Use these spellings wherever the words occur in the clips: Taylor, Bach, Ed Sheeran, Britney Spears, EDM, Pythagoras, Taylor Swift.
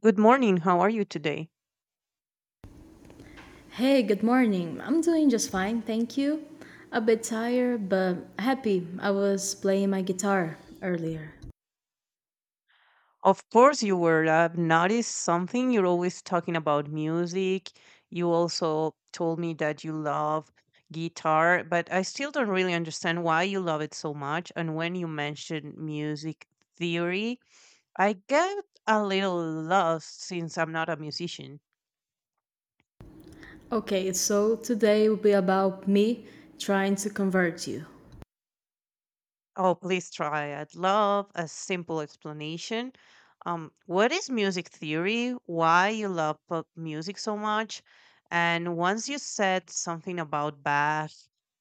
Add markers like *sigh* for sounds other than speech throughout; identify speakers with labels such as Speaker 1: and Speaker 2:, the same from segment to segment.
Speaker 1: Good morning. How are you today?
Speaker 2: Hey, good morning. I'm doing just fine, thank you. A bit tired, but happy. I was playing my guitar earlier.
Speaker 1: Of course, you were. I've noticed something. You're always talking about music. You also told me that you love guitar, but I still don't really understand why you love it so much. And when you mentioned music theory, I get a little lost since I'm not a musician.
Speaker 2: Okay, so today will be about me trying to convert you.
Speaker 1: Oh, please try. I'd love a simple explanation. What is music theory? Why you love pop music so much? And once you said something about Bach,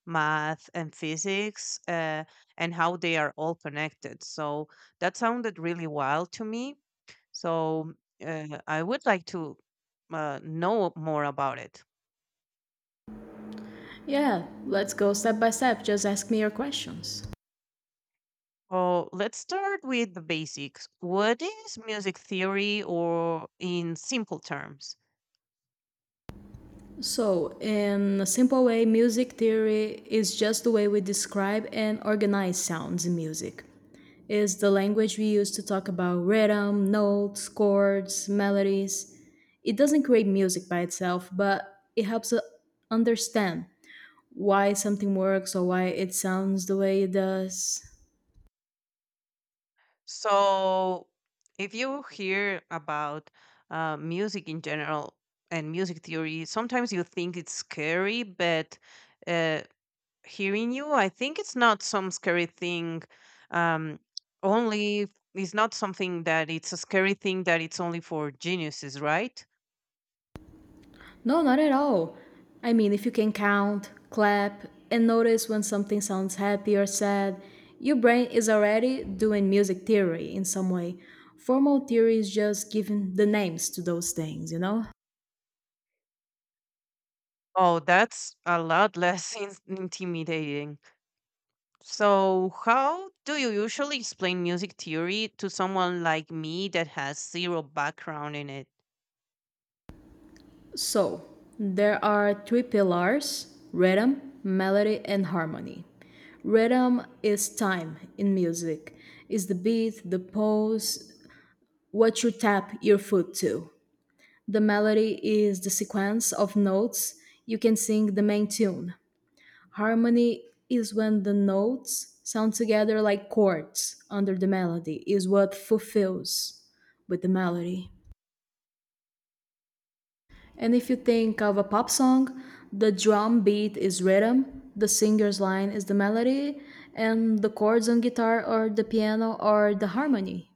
Speaker 1: math, and physics, and how they are all connected. So that sounded really wild to me. So I would like to know more about it.
Speaker 2: Yeah, let's go step by step. Just ask me your questions.
Speaker 1: Well, let's start with the basics. What is music theory, or in simple terms?
Speaker 2: So, in a simple way, music theory is just the way we describe and organize sounds in music. It's the language we use to talk about rhythm, notes, chords, melodies. It doesn't create music by itself, but it helps us understand why something works or why it sounds the way it does.
Speaker 1: So, if you hear about music in general and music theory, sometimes you think it's scary, but uh, hearing you, I think it's not some scary thing, um only it's not something that it's a scary thing that it's only for geniuses, right?
Speaker 2: No, not at all. I mean, if you can count, clap, and notice when something sounds happy or sad, your brain is already doing music theory in some way. Formal theory is just giving the names to those things, you know?
Speaker 1: Oh, that's a lot less *laughs* intimidating. So, how do you usually explain music theory to someone like me that has zero background in it?
Speaker 2: So, there are three pillars: rhythm, melody, and harmony. Rhythm is time in music, is the beat, the pose, what you tap your foot to. The melody is the sequence of notes you can sing, the main tune. Harmony is when the notes sound together like chords under the melody, is what fulfills with the melody. And if you think of a pop song, the drum beat is rhythm, the singer's line is the melody, and the chords on guitar or the piano are the harmony.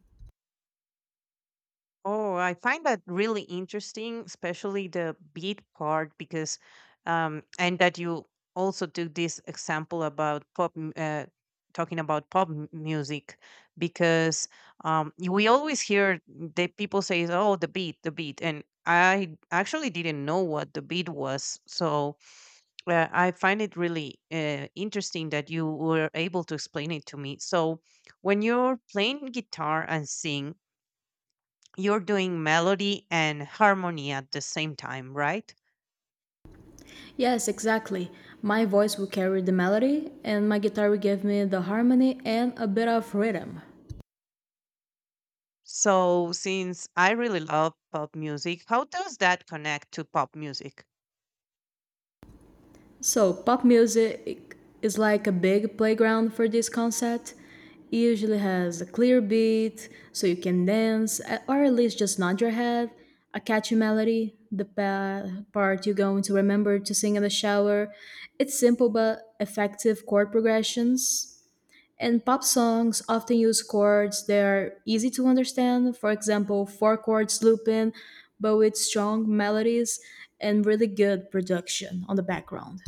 Speaker 1: Oh, I find that really interesting, especially the beat part, because, and that you also took this example about pop, talking about pop music, because we always hear the people say, "Oh, the beat," and I actually didn't know what the beat was, so I find it really interesting that you were able to explain it to me. So, when you're playing guitar and sing, you're doing melody and harmony at the same time, right?
Speaker 2: Yes, exactly. My voice will carry the melody, and my guitar will give me the harmony and a bit of rhythm.
Speaker 1: So, since I really love pop music, how does that connect to pop music?
Speaker 2: So, pop music is like a big playground for this concept. It usually has a clear beat, so you can dance, or at least just nod your head, a catchy melody, the part you're going to remember to sing in the shower. It's simple but effective chord progressions. And pop songs often use chords that are easy to understand, for example, four chords looping, but with strong melodies and really good production on the background.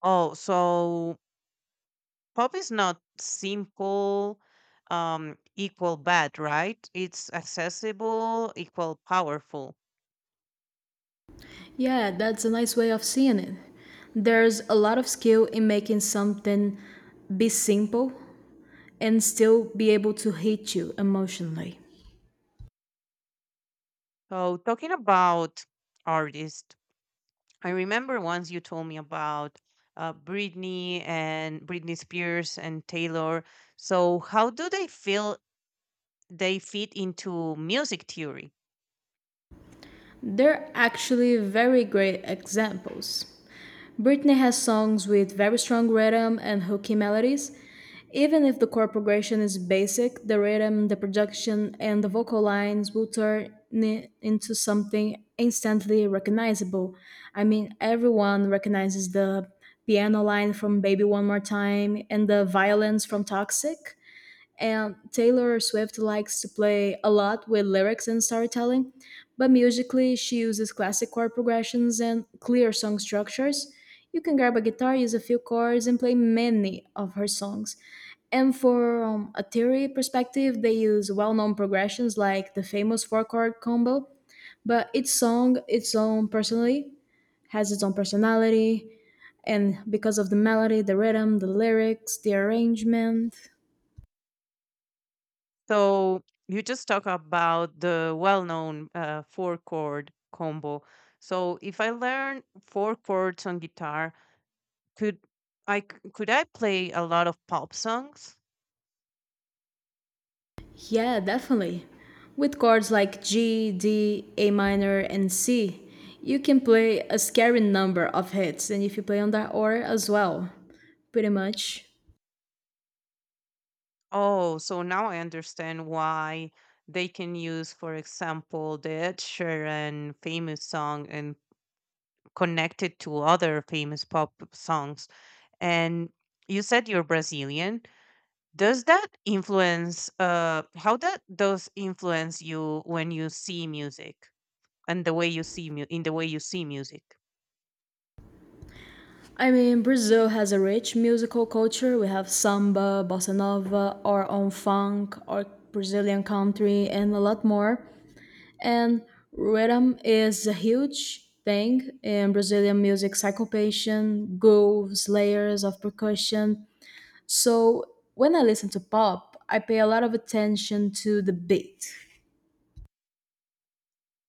Speaker 1: Oh, so pop is not simple, equal bad, right? It's accessible, equal powerful.
Speaker 2: Yeah, that's a nice way of seeing it. There's a lot of skill in making something be simple and still be able to hit you emotionally.
Speaker 1: So, talking about artists, I remember once you told me about Britney and Britney Spears and Taylor. So, how do they feel they fit into music theory?
Speaker 2: They're actually very great examples. Britney has songs with very strong rhythm and hooky melodies. Even if the chord progression is basic, the rhythm, the production, and the vocal lines will turn it into something instantly recognizable. I mean, everyone recognizes the piano line from Baby One More Time and the violins from Toxic. And Taylor Swift likes to play a lot with lyrics and storytelling, but musically, she uses classic chord progressions and clear song structures. You can grab a guitar, use a few chords, and play many of her songs. And for a theory perspective, they use well known progressions like the famous four chord combo, but each song, its own personally, has its own personality. And because of the melody, the rhythm, the lyrics, the arrangement.
Speaker 1: So, you just talk about the well-known four-chord combo. So if I learn four chords on guitar, could could I play a lot of pop songs?
Speaker 2: Yeah, definitely. With chords like G, D, A minor, and C, you can play a scary number of hits, and if you play on that order as well, pretty much.
Speaker 1: Oh, so now I understand why they can use, for example, the Ed Sheeran famous song and connect it to other famous pop songs. And you said you're Brazilian. Does that influence how that does influence you when you see music and the way you see mu- in the way you see music?
Speaker 2: I mean, Brazil has a rich musical culture. We have samba, bossa nova, our own funk, our Brazilian country, and a lot more. And rhythm is a huge thing in Brazilian music: syncopation, grooves, layers of percussion. So when I listen to pop, I pay a lot of attention to the beat.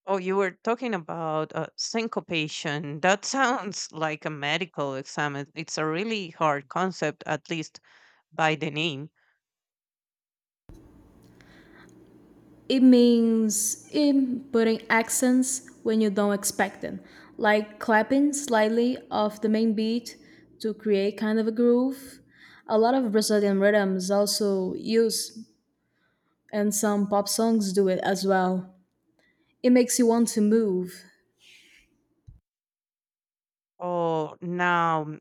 Speaker 1: Oh, you were talking about syncopation. That *laughs* sounds like a medical exam. It's a really hard concept, at least by the name.
Speaker 2: It means in putting accents when you don't expect them, like clapping slightly off the main beat to create kind of a groove. A lot of Brazilian rhythms also use, and some pop songs do it as well. It makes you want to move.
Speaker 1: Oh, now mm,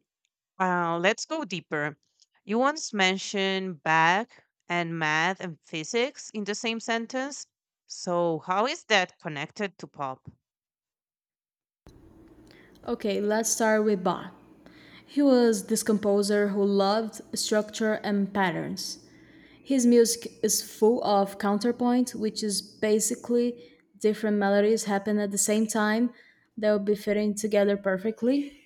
Speaker 1: uh, let's go deeper. You once mentioned Bach and math and physics in the same sentence. So, how is that connected to pop?
Speaker 2: Okay, let's start with Bach. He was this composer who loved structure and patterns. His music is full of counterpoint, which is basically different melodies happen at the same time that will be fitting together perfectly.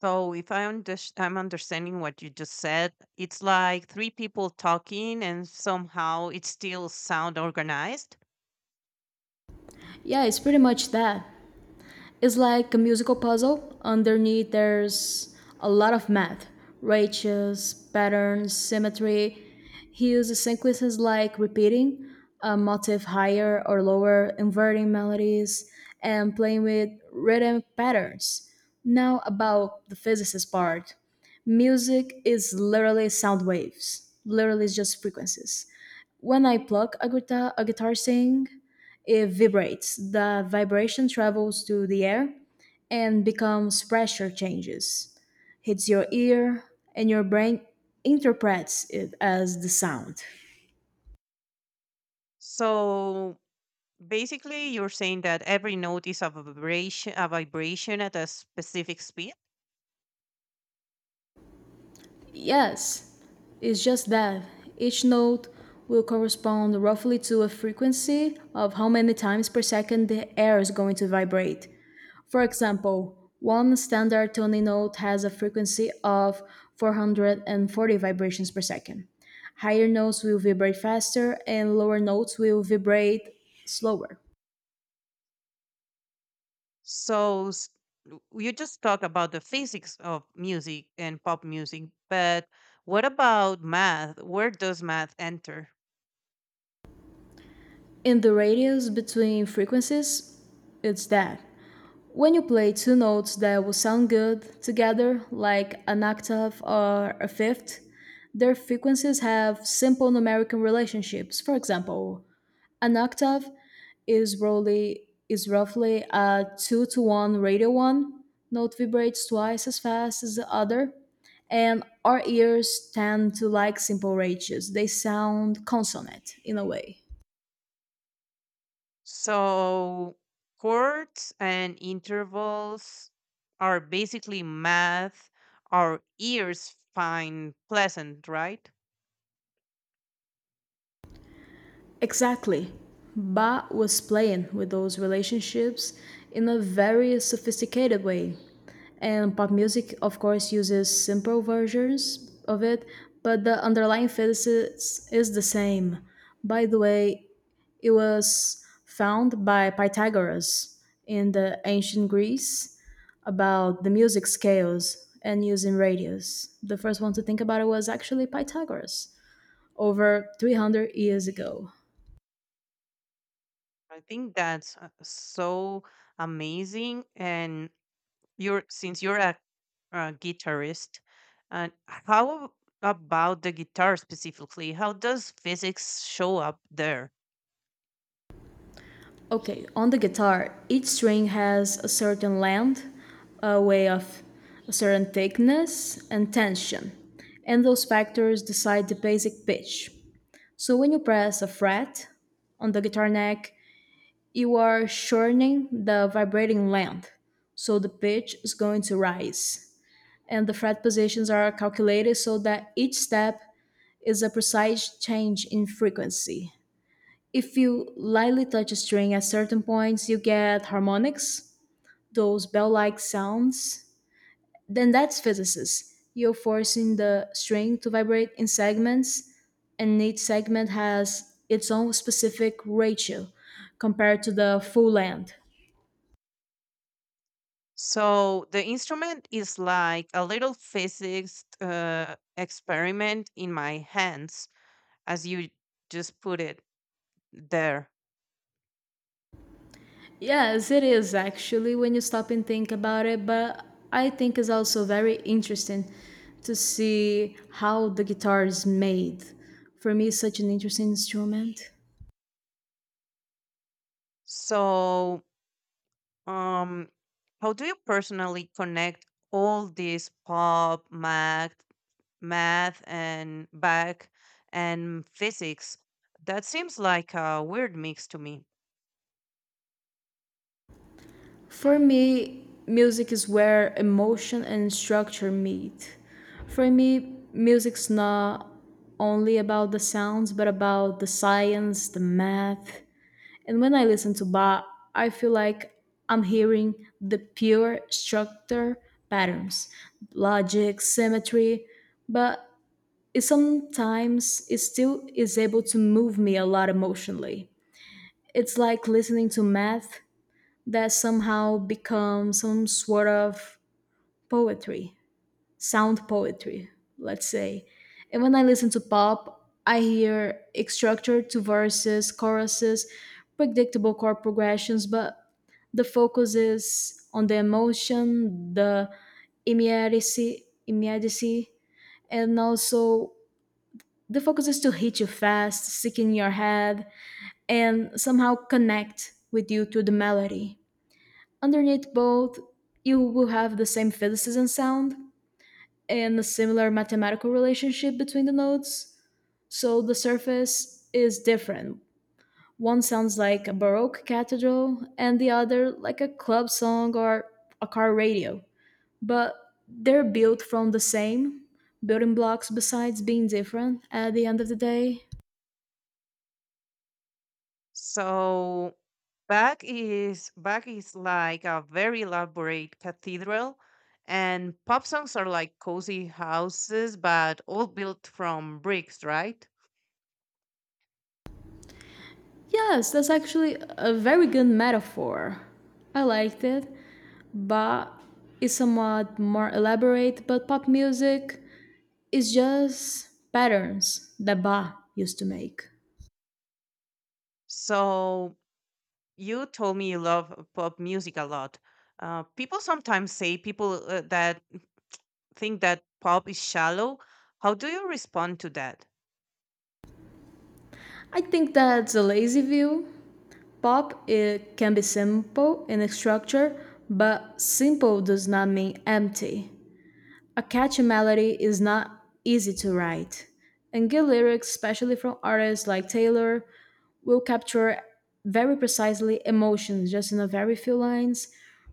Speaker 1: So, if I unders- I'm understanding what you just said, it's like three people talking and somehow it still sound organized.
Speaker 2: Yeah, it's pretty much that. It's like a musical puzzle. Underneath, there's a lot of math: ratios, patterns, symmetry. He uses sequences like repeating a motif higher or lower, inverting melodies, and playing with rhythm patterns. Now, about the physicist part, music is literally sound waves, literally, it's just frequencies. When I plug a guitar sing, it vibrates. The vibration travels to the air and becomes pressure changes, hits your ear, and your brain interprets it as the sound.
Speaker 1: So basically you're saying that every note is a vibration at a specific speed.
Speaker 2: Yes, it's just that each note will correspond roughly to a frequency of how many times per second the air is going to vibrate. For example, one standard Tony note has a frequency of 440 vibrations per second. Higher notes will vibrate faster and lower notes will vibrate slower.
Speaker 1: So you just talk about the physics of music and pop music, but what about math? Where does math enter?
Speaker 2: In the radius between frequencies, it's that. When you play two notes that will sound good together, like an octave or a fifth, their frequencies have simple numerical relationships. For example, an octave is roughly a 2 to 1 ratio. 1 note vibrates twice as fast as the other, and our ears tend to like simple ratios. They sound consonant in a way.
Speaker 1: So chords and intervals are basically math our ears find pleasant, right?
Speaker 2: Exactly. Bach was playing with those relationships in a very sophisticated way. And pop music, of course, uses simple versions of it, but the underlying physics is the same. By the way, it was found by Pythagoras in the ancient Greece about the music scales and using radius. The first one to think about it was actually Pythagoras over 300 years ago.
Speaker 1: I think that's so amazing. And you're since you're a guitarist, and how about the guitar specifically? How does physics show up there?
Speaker 2: Okay, on the guitar, each string has a certain length, a way of a certain thickness, and tension, and those factors decide the basic pitch. So when you press a fret on the guitar neck, you are shortening the vibrating length, so the pitch is going to rise. And the fret positions are calculated so that each step is a precise change in frequency. If you lightly touch a string at certain points, you get harmonics, those bell like sounds. Then that's physicists. You're forcing the string to vibrate in segments, and each segment has its own specific ratio compared to the full length.
Speaker 1: So the instrument is like a little physics experiment in my hands, as you just put it there.
Speaker 2: Yes, it is actually when you stop and think about it, but I think it's also very interesting to see how the guitar is made. For me, it's such an interesting instrument.
Speaker 1: So, um, how do you personally connect all this pop, math, and back and physics? That seems like a weird mix to me.
Speaker 2: For me, music is where emotion and structure meet. For me, music's not only about the sounds, but about the science, the math. And when I listen to Bach, I feel like I'm hearing the pure structure: patterns, logic, symmetry, but it sometimes it still is able to move me a lot emotionally. It's like listening to math that somehow become some sort of poetry, sound poetry, let's say. And when I listen to pop, I hear it structured to verses, choruses, predictable chord progressions, but the focus is on the emotion, the immediacy, and also the focus is to hit you fast, stick in your head, and somehow connect with you to the melody. Underneath both, you will have the same physicism sound and a similar mathematical relationship between the notes. So the surface is different. One sounds like a Baroque cathedral, and the other like a club song or a car radio. But they're built from the same building blocks, besides being different at the end of the day.
Speaker 1: So, back is like a very elaborate cathedral, and pop songs are like cozy houses, but all built from bricks, right?
Speaker 2: Yes, that's actually a very good metaphor. I liked it. But is somewhat more elaborate. But pop music is just patterns that Ba used to make.
Speaker 1: So, you told me you love pop music a lot. People sometimes say people that think that pop is shallow. How do you respond to that?
Speaker 2: I think that's a lazy view. Pop it can be simple in its structure, but simple does not mean empty. A catchy melody is not easy to write, and good lyrics, especially from artists like Taylor, will capture very precisely emotions just in a very few lines.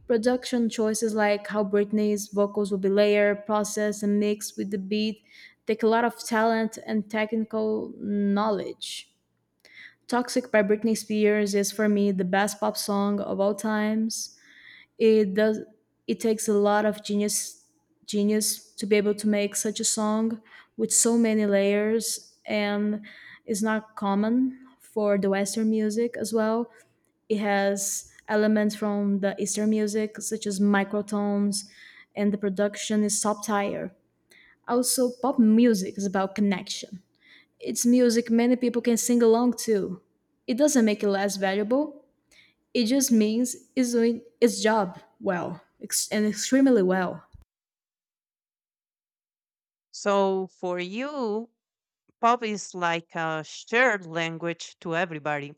Speaker 2: Production choices like how Britney's vocals will be layered, processed, and mixed with the beat take a lot of talent and technical knowledge. Toxic by Britney Spears is for me the best pop song of all times. it does it takes a lot of genius to be able to make such a song with so many layers, and it's not common for the western music as well. It has elements from the eastern music such as microtones, and the production is top tier. Also, pop music is about connection. It's music many people can sing along to. It doesn't make it less valuable. It just means it's doing its job well, and extremely well.
Speaker 1: So for you, pop is like a shared language to everybody.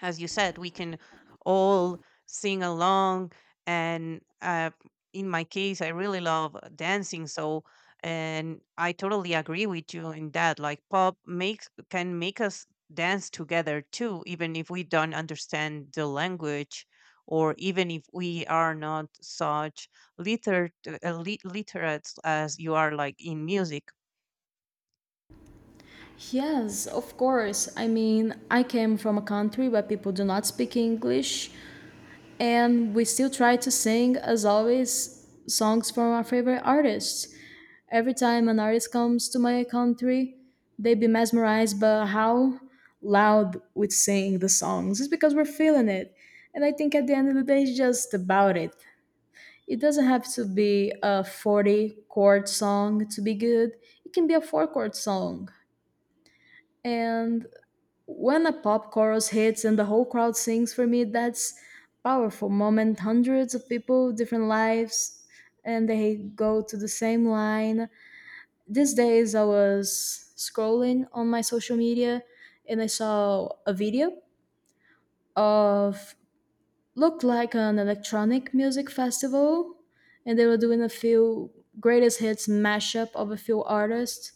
Speaker 1: As you said, we can all sing along. And in my case, I really love dancing. So, and I totally agree with you in that. Like pop makes can make us dance together too, even if we don't understand the language, or even if we are not such literate, literate as you are, like in music.
Speaker 2: Yes, of course. I mean, I came from a country where people do not speak English, and we still try to sing, as always, songs from our favorite artists. Every time an artist comes to my country, they be mesmerized by how loud we sing the songs. It's because we're feeling it. And I think at the end of the day, it's just about it. It doesn't have to be a 40 chord song to be good. It can be a four chord song. And when a pop chorus hits and the whole crowd sings for me, that's powerful moment. Hundreds of people, different lives, and they go to the same line. These days, I was scrolling on my social media and I saw a video of looked like an electronic music festival, and they were doing a few greatest hits mashup of a few artists.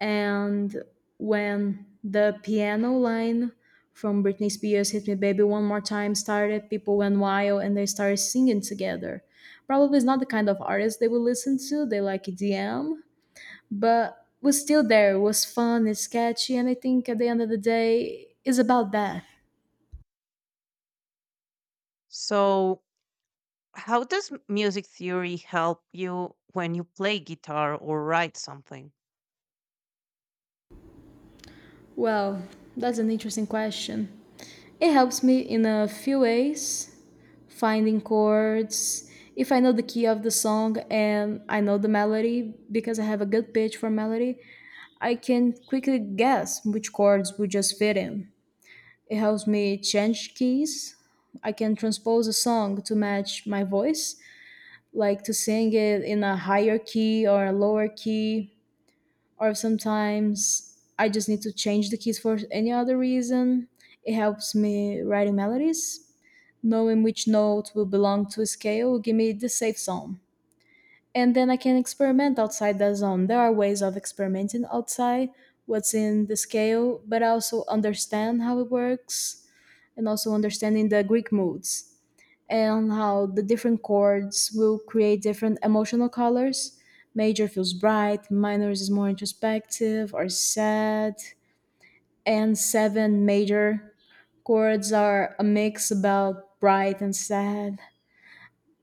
Speaker 2: And when the piano line from Britney Spears' Hit Me Baby One More Time started, people went wild and they started singing together. Probably it's not the kind of artist they would listen to, they like EDM, but was still there, it was fun, it's catchy, and I think at the end of the day it's about that.
Speaker 1: So, how does music theory help you when you play guitar or write something?
Speaker 2: Well, that's an interesting question. It helps me in a few ways finding chords. If I know the key of the song and I know the melody, because I have a good pitch for melody, I can quickly guess which chords would just fit in. It helps me change keys. I can transpose a song to match my voice, like to sing it in a higher key or a lower key, or sometimes I just need to change the keys for any other reason. It helps me writing melodies. Knowing which note will belong to a scale will give me the safe zone. And then I can experiment outside that zone. There are ways of experimenting outside what's in the scale, but I also understand how it works, and also understanding the Greek moods and how the different chords will create different emotional colors. Major feels bright, minor is more introspective or sad, and seven major chords are a mix about bright and sad.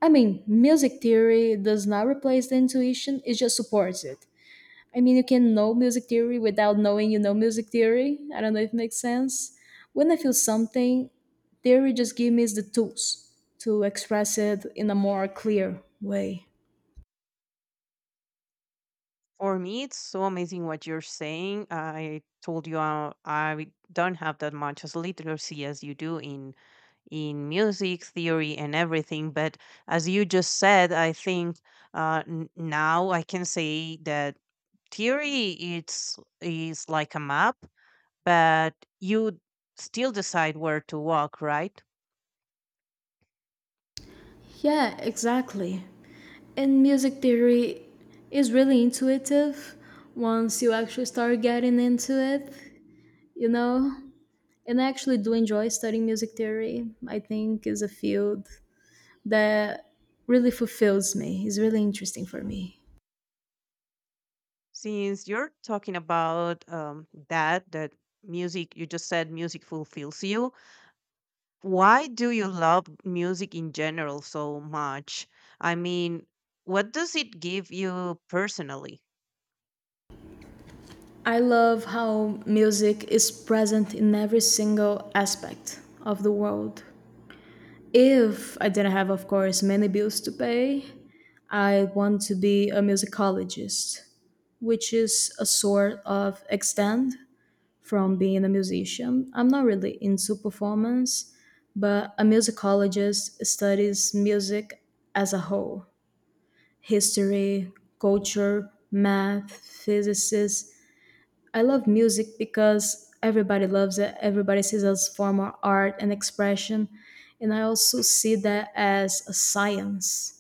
Speaker 2: I mean, music theory does not replace the intuition, it just supports it. I mean, you can know music theory without knowing you know music theory. I don't know if it makes sense. When I feel something, theory just gives me the tools to express it in a more clear way.
Speaker 1: For me, it's so amazing what you're saying. I told you, I don't have that much as literacy as you do in music theory and everything. But as you just said, I think now I can say that theory it's is like a map, but you still decide where to walk, right?
Speaker 2: Yeah, exactly. And music theory is really intuitive once you actually start getting into it, you know? And I actually do enjoy studying music theory. I think is a field that really fulfills me. It's really interesting for me.
Speaker 1: Since you're talking about that music, you just said music fulfills you. Why do you love music in general so much? I mean, what does it give you personally?
Speaker 2: I love how music is present in every single aspect of the world. If I didn't have, of course, many bills to pay, I want to be a musicologist, which is a sort of extend from being a musician. I'm not really into performance, but a musicologist studies music as a whole: history, culture, math, physicists. I love music because everybody loves it. Everybody sees it as form of art and expression, and I also see that as a science.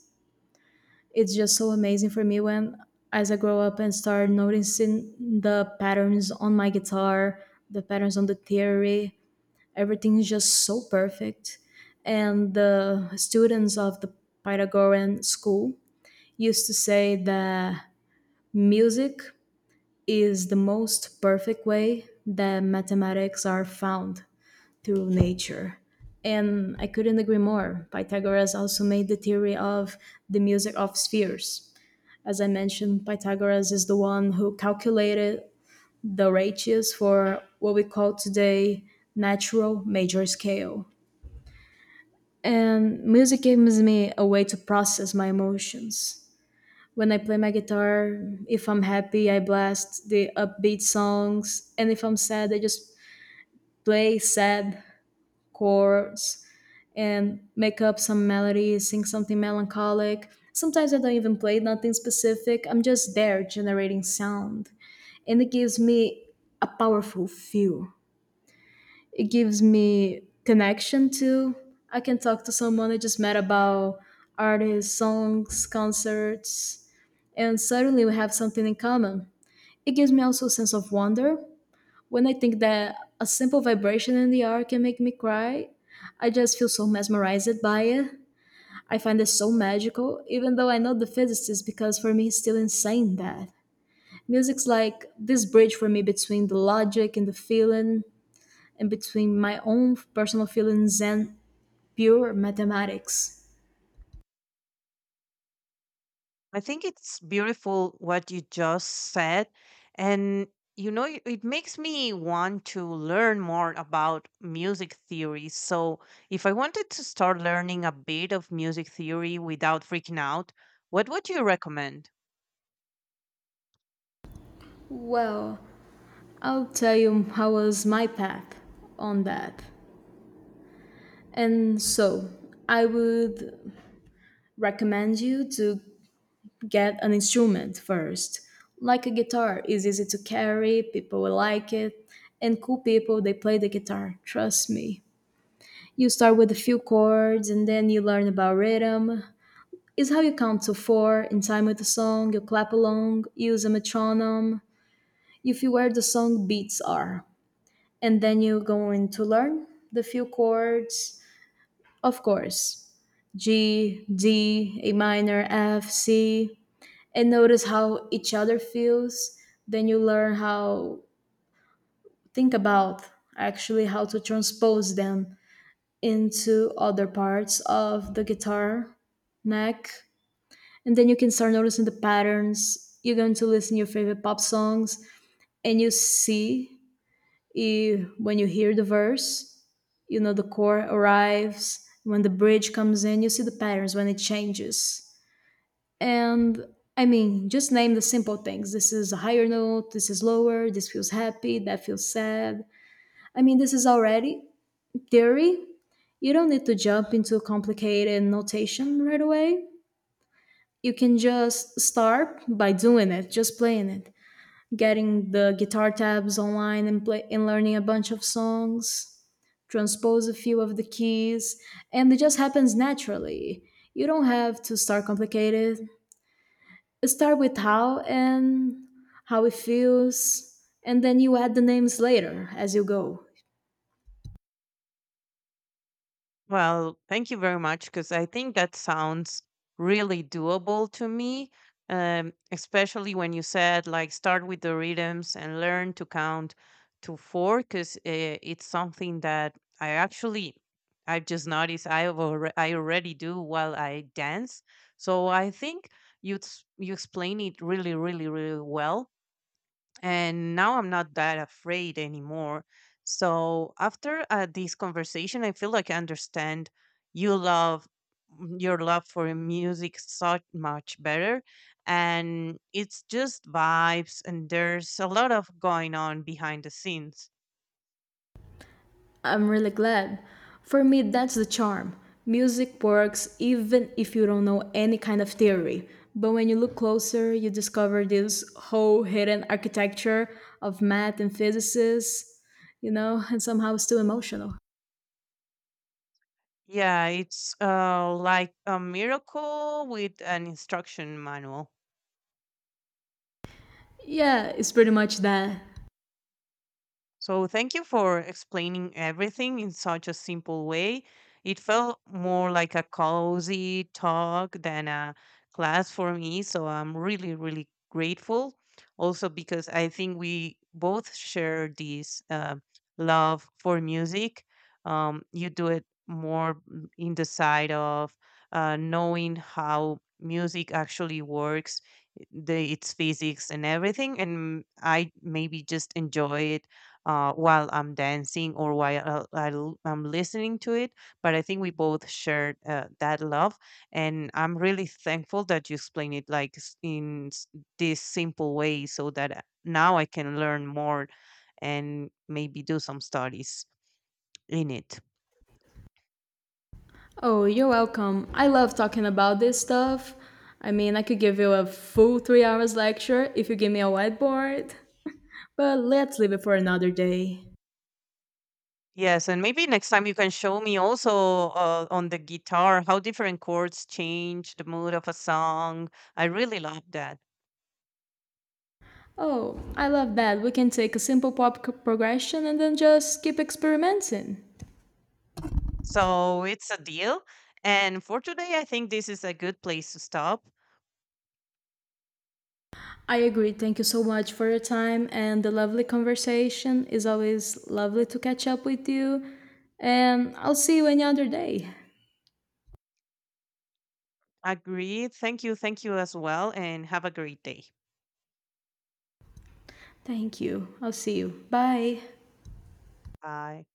Speaker 2: It's just so amazing for me when, as I grow up and start noticing the patterns on my guitar, the patterns on the theory, everything is just so perfect. And the students of the Pythagorean school used to say that music is the most perfect way that mathematics are found through nature. And I couldn't agree more. Pythagoras also made the theory of the music of spheres. As I mentioned, Pythagoras is the one who calculated the ratios for what we call today natural major scale. And music gives me a way to process my emotions. When I play my guitar, if I'm happy, I blast the upbeat songs, and if I'm sad, I just play sad chords and make up some melody, sing something melancholic. Sometimes I don't even play nothing specific. I'm just there generating sound, and it gives me a powerful feel. It gives me connection to. I can talk to someone I just met about artists, songs, concerts, and suddenly we have something in common. It gives me also a sense of wonder. When I think that a simple vibration in the air can make me cry, I just feel so mesmerized by it. I find it so magical, even though I know the physicist, because for me it's still insane that. Music's like this bridge for me between the logic and the feeling, and between my own personal feelings and pure mathematics.
Speaker 1: I think it's beautiful what you just said. And, you know, it makes me want to learn more about music theory. So, if I wanted to start learning a bit of music theory without freaking out, what would you recommend?
Speaker 2: Well, I'll tell you how was my path on that. And so, I would recommend you to get an instrument first. Like a guitar is easy to carry, people will like it, and cool people they play the guitar, trust me. You start with a few chords and then you learn about rhythm. It's how you count to four in time with the song, you clap along, use a metronome, you feel where the song beats are. And then you're going to learn the few chords. Of course, G, D, A minor, F, C, and notice how each other feels. Then you learn how think about actually how to transpose them into other parts of the guitar neck, and then you can start noticing the patterns. You're going to listen your favorite pop songs and you see if, when you hear the verse, you know the chord arrives. When the bridge comes in, you see the patterns when it changes. And I mean, just name the simple things. This is a higher note, this is lower, this feels happy, that feels sad. I mean, this is already theory. You don't need to jump into complicated notation right away. You can just start by doing it, just playing it, getting the guitar tabs online and play and learning a bunch of songs, transpose a few of the keys, and it just happens naturally. You don't have to start complicated. Start with how and how it feels, and then you add the names later as you go.
Speaker 1: Well, thank you very much because I think that sounds really doable to me. Especially when you said like start with the rhythms and learn to count to four, because it's something that I've just noticed I already do while I dance. So I think you explain it really really really well and now I'm not that afraid anymore. So after this conversation, I feel like I understand you love your love for music so much better, and it's just vibes and there's a lot of going on behind the scenes.
Speaker 2: I'm really glad. For me, that's the charm. Music works even if you don't know any kind of theory. But when you look closer, you discover this whole hidden architecture of math and physicists, you know, and somehow it's still emotional.
Speaker 1: Yeah, it's like a miracle with an instruction manual.
Speaker 2: Yeah, it's pretty much that.
Speaker 1: So, thank you for explaining everything in such a simple way. It felt more like a cozy talk than a class for me. So, I'm really, really grateful. Also, because I think we both share this love for music. You do it more in the side of knowing how music actually works, its physics and everything. And I maybe just enjoy it while I'm dancing or while I am listening to it. But I think we both shared that love, and I'm really thankful that you explain it like this simple way, so that now I can learn more and maybe do some studies in it.
Speaker 2: Oh, you're welcome. I love talking about this stuff. I mean, I could give you a full 3 hours lecture if you give me a whiteboard, but let's leave it for another day.
Speaker 1: Yes, and maybe next time you can show me also on the guitar how different chords change the mood of a song. I really love that.
Speaker 2: Oh, I love that. We can take a simple pop progression and then just keep experimenting.
Speaker 1: So it's a deal. And for today, I think this is a good place to stop.
Speaker 2: I agree. Thank you so much for your time and the lovely conversation. It's always lovely to catch up with you. And I'll see you any other day.
Speaker 1: Agreed. Thank you. Thank you as well. And have a great day.
Speaker 2: Thank you. I'll see you. Bye.
Speaker 1: Bye.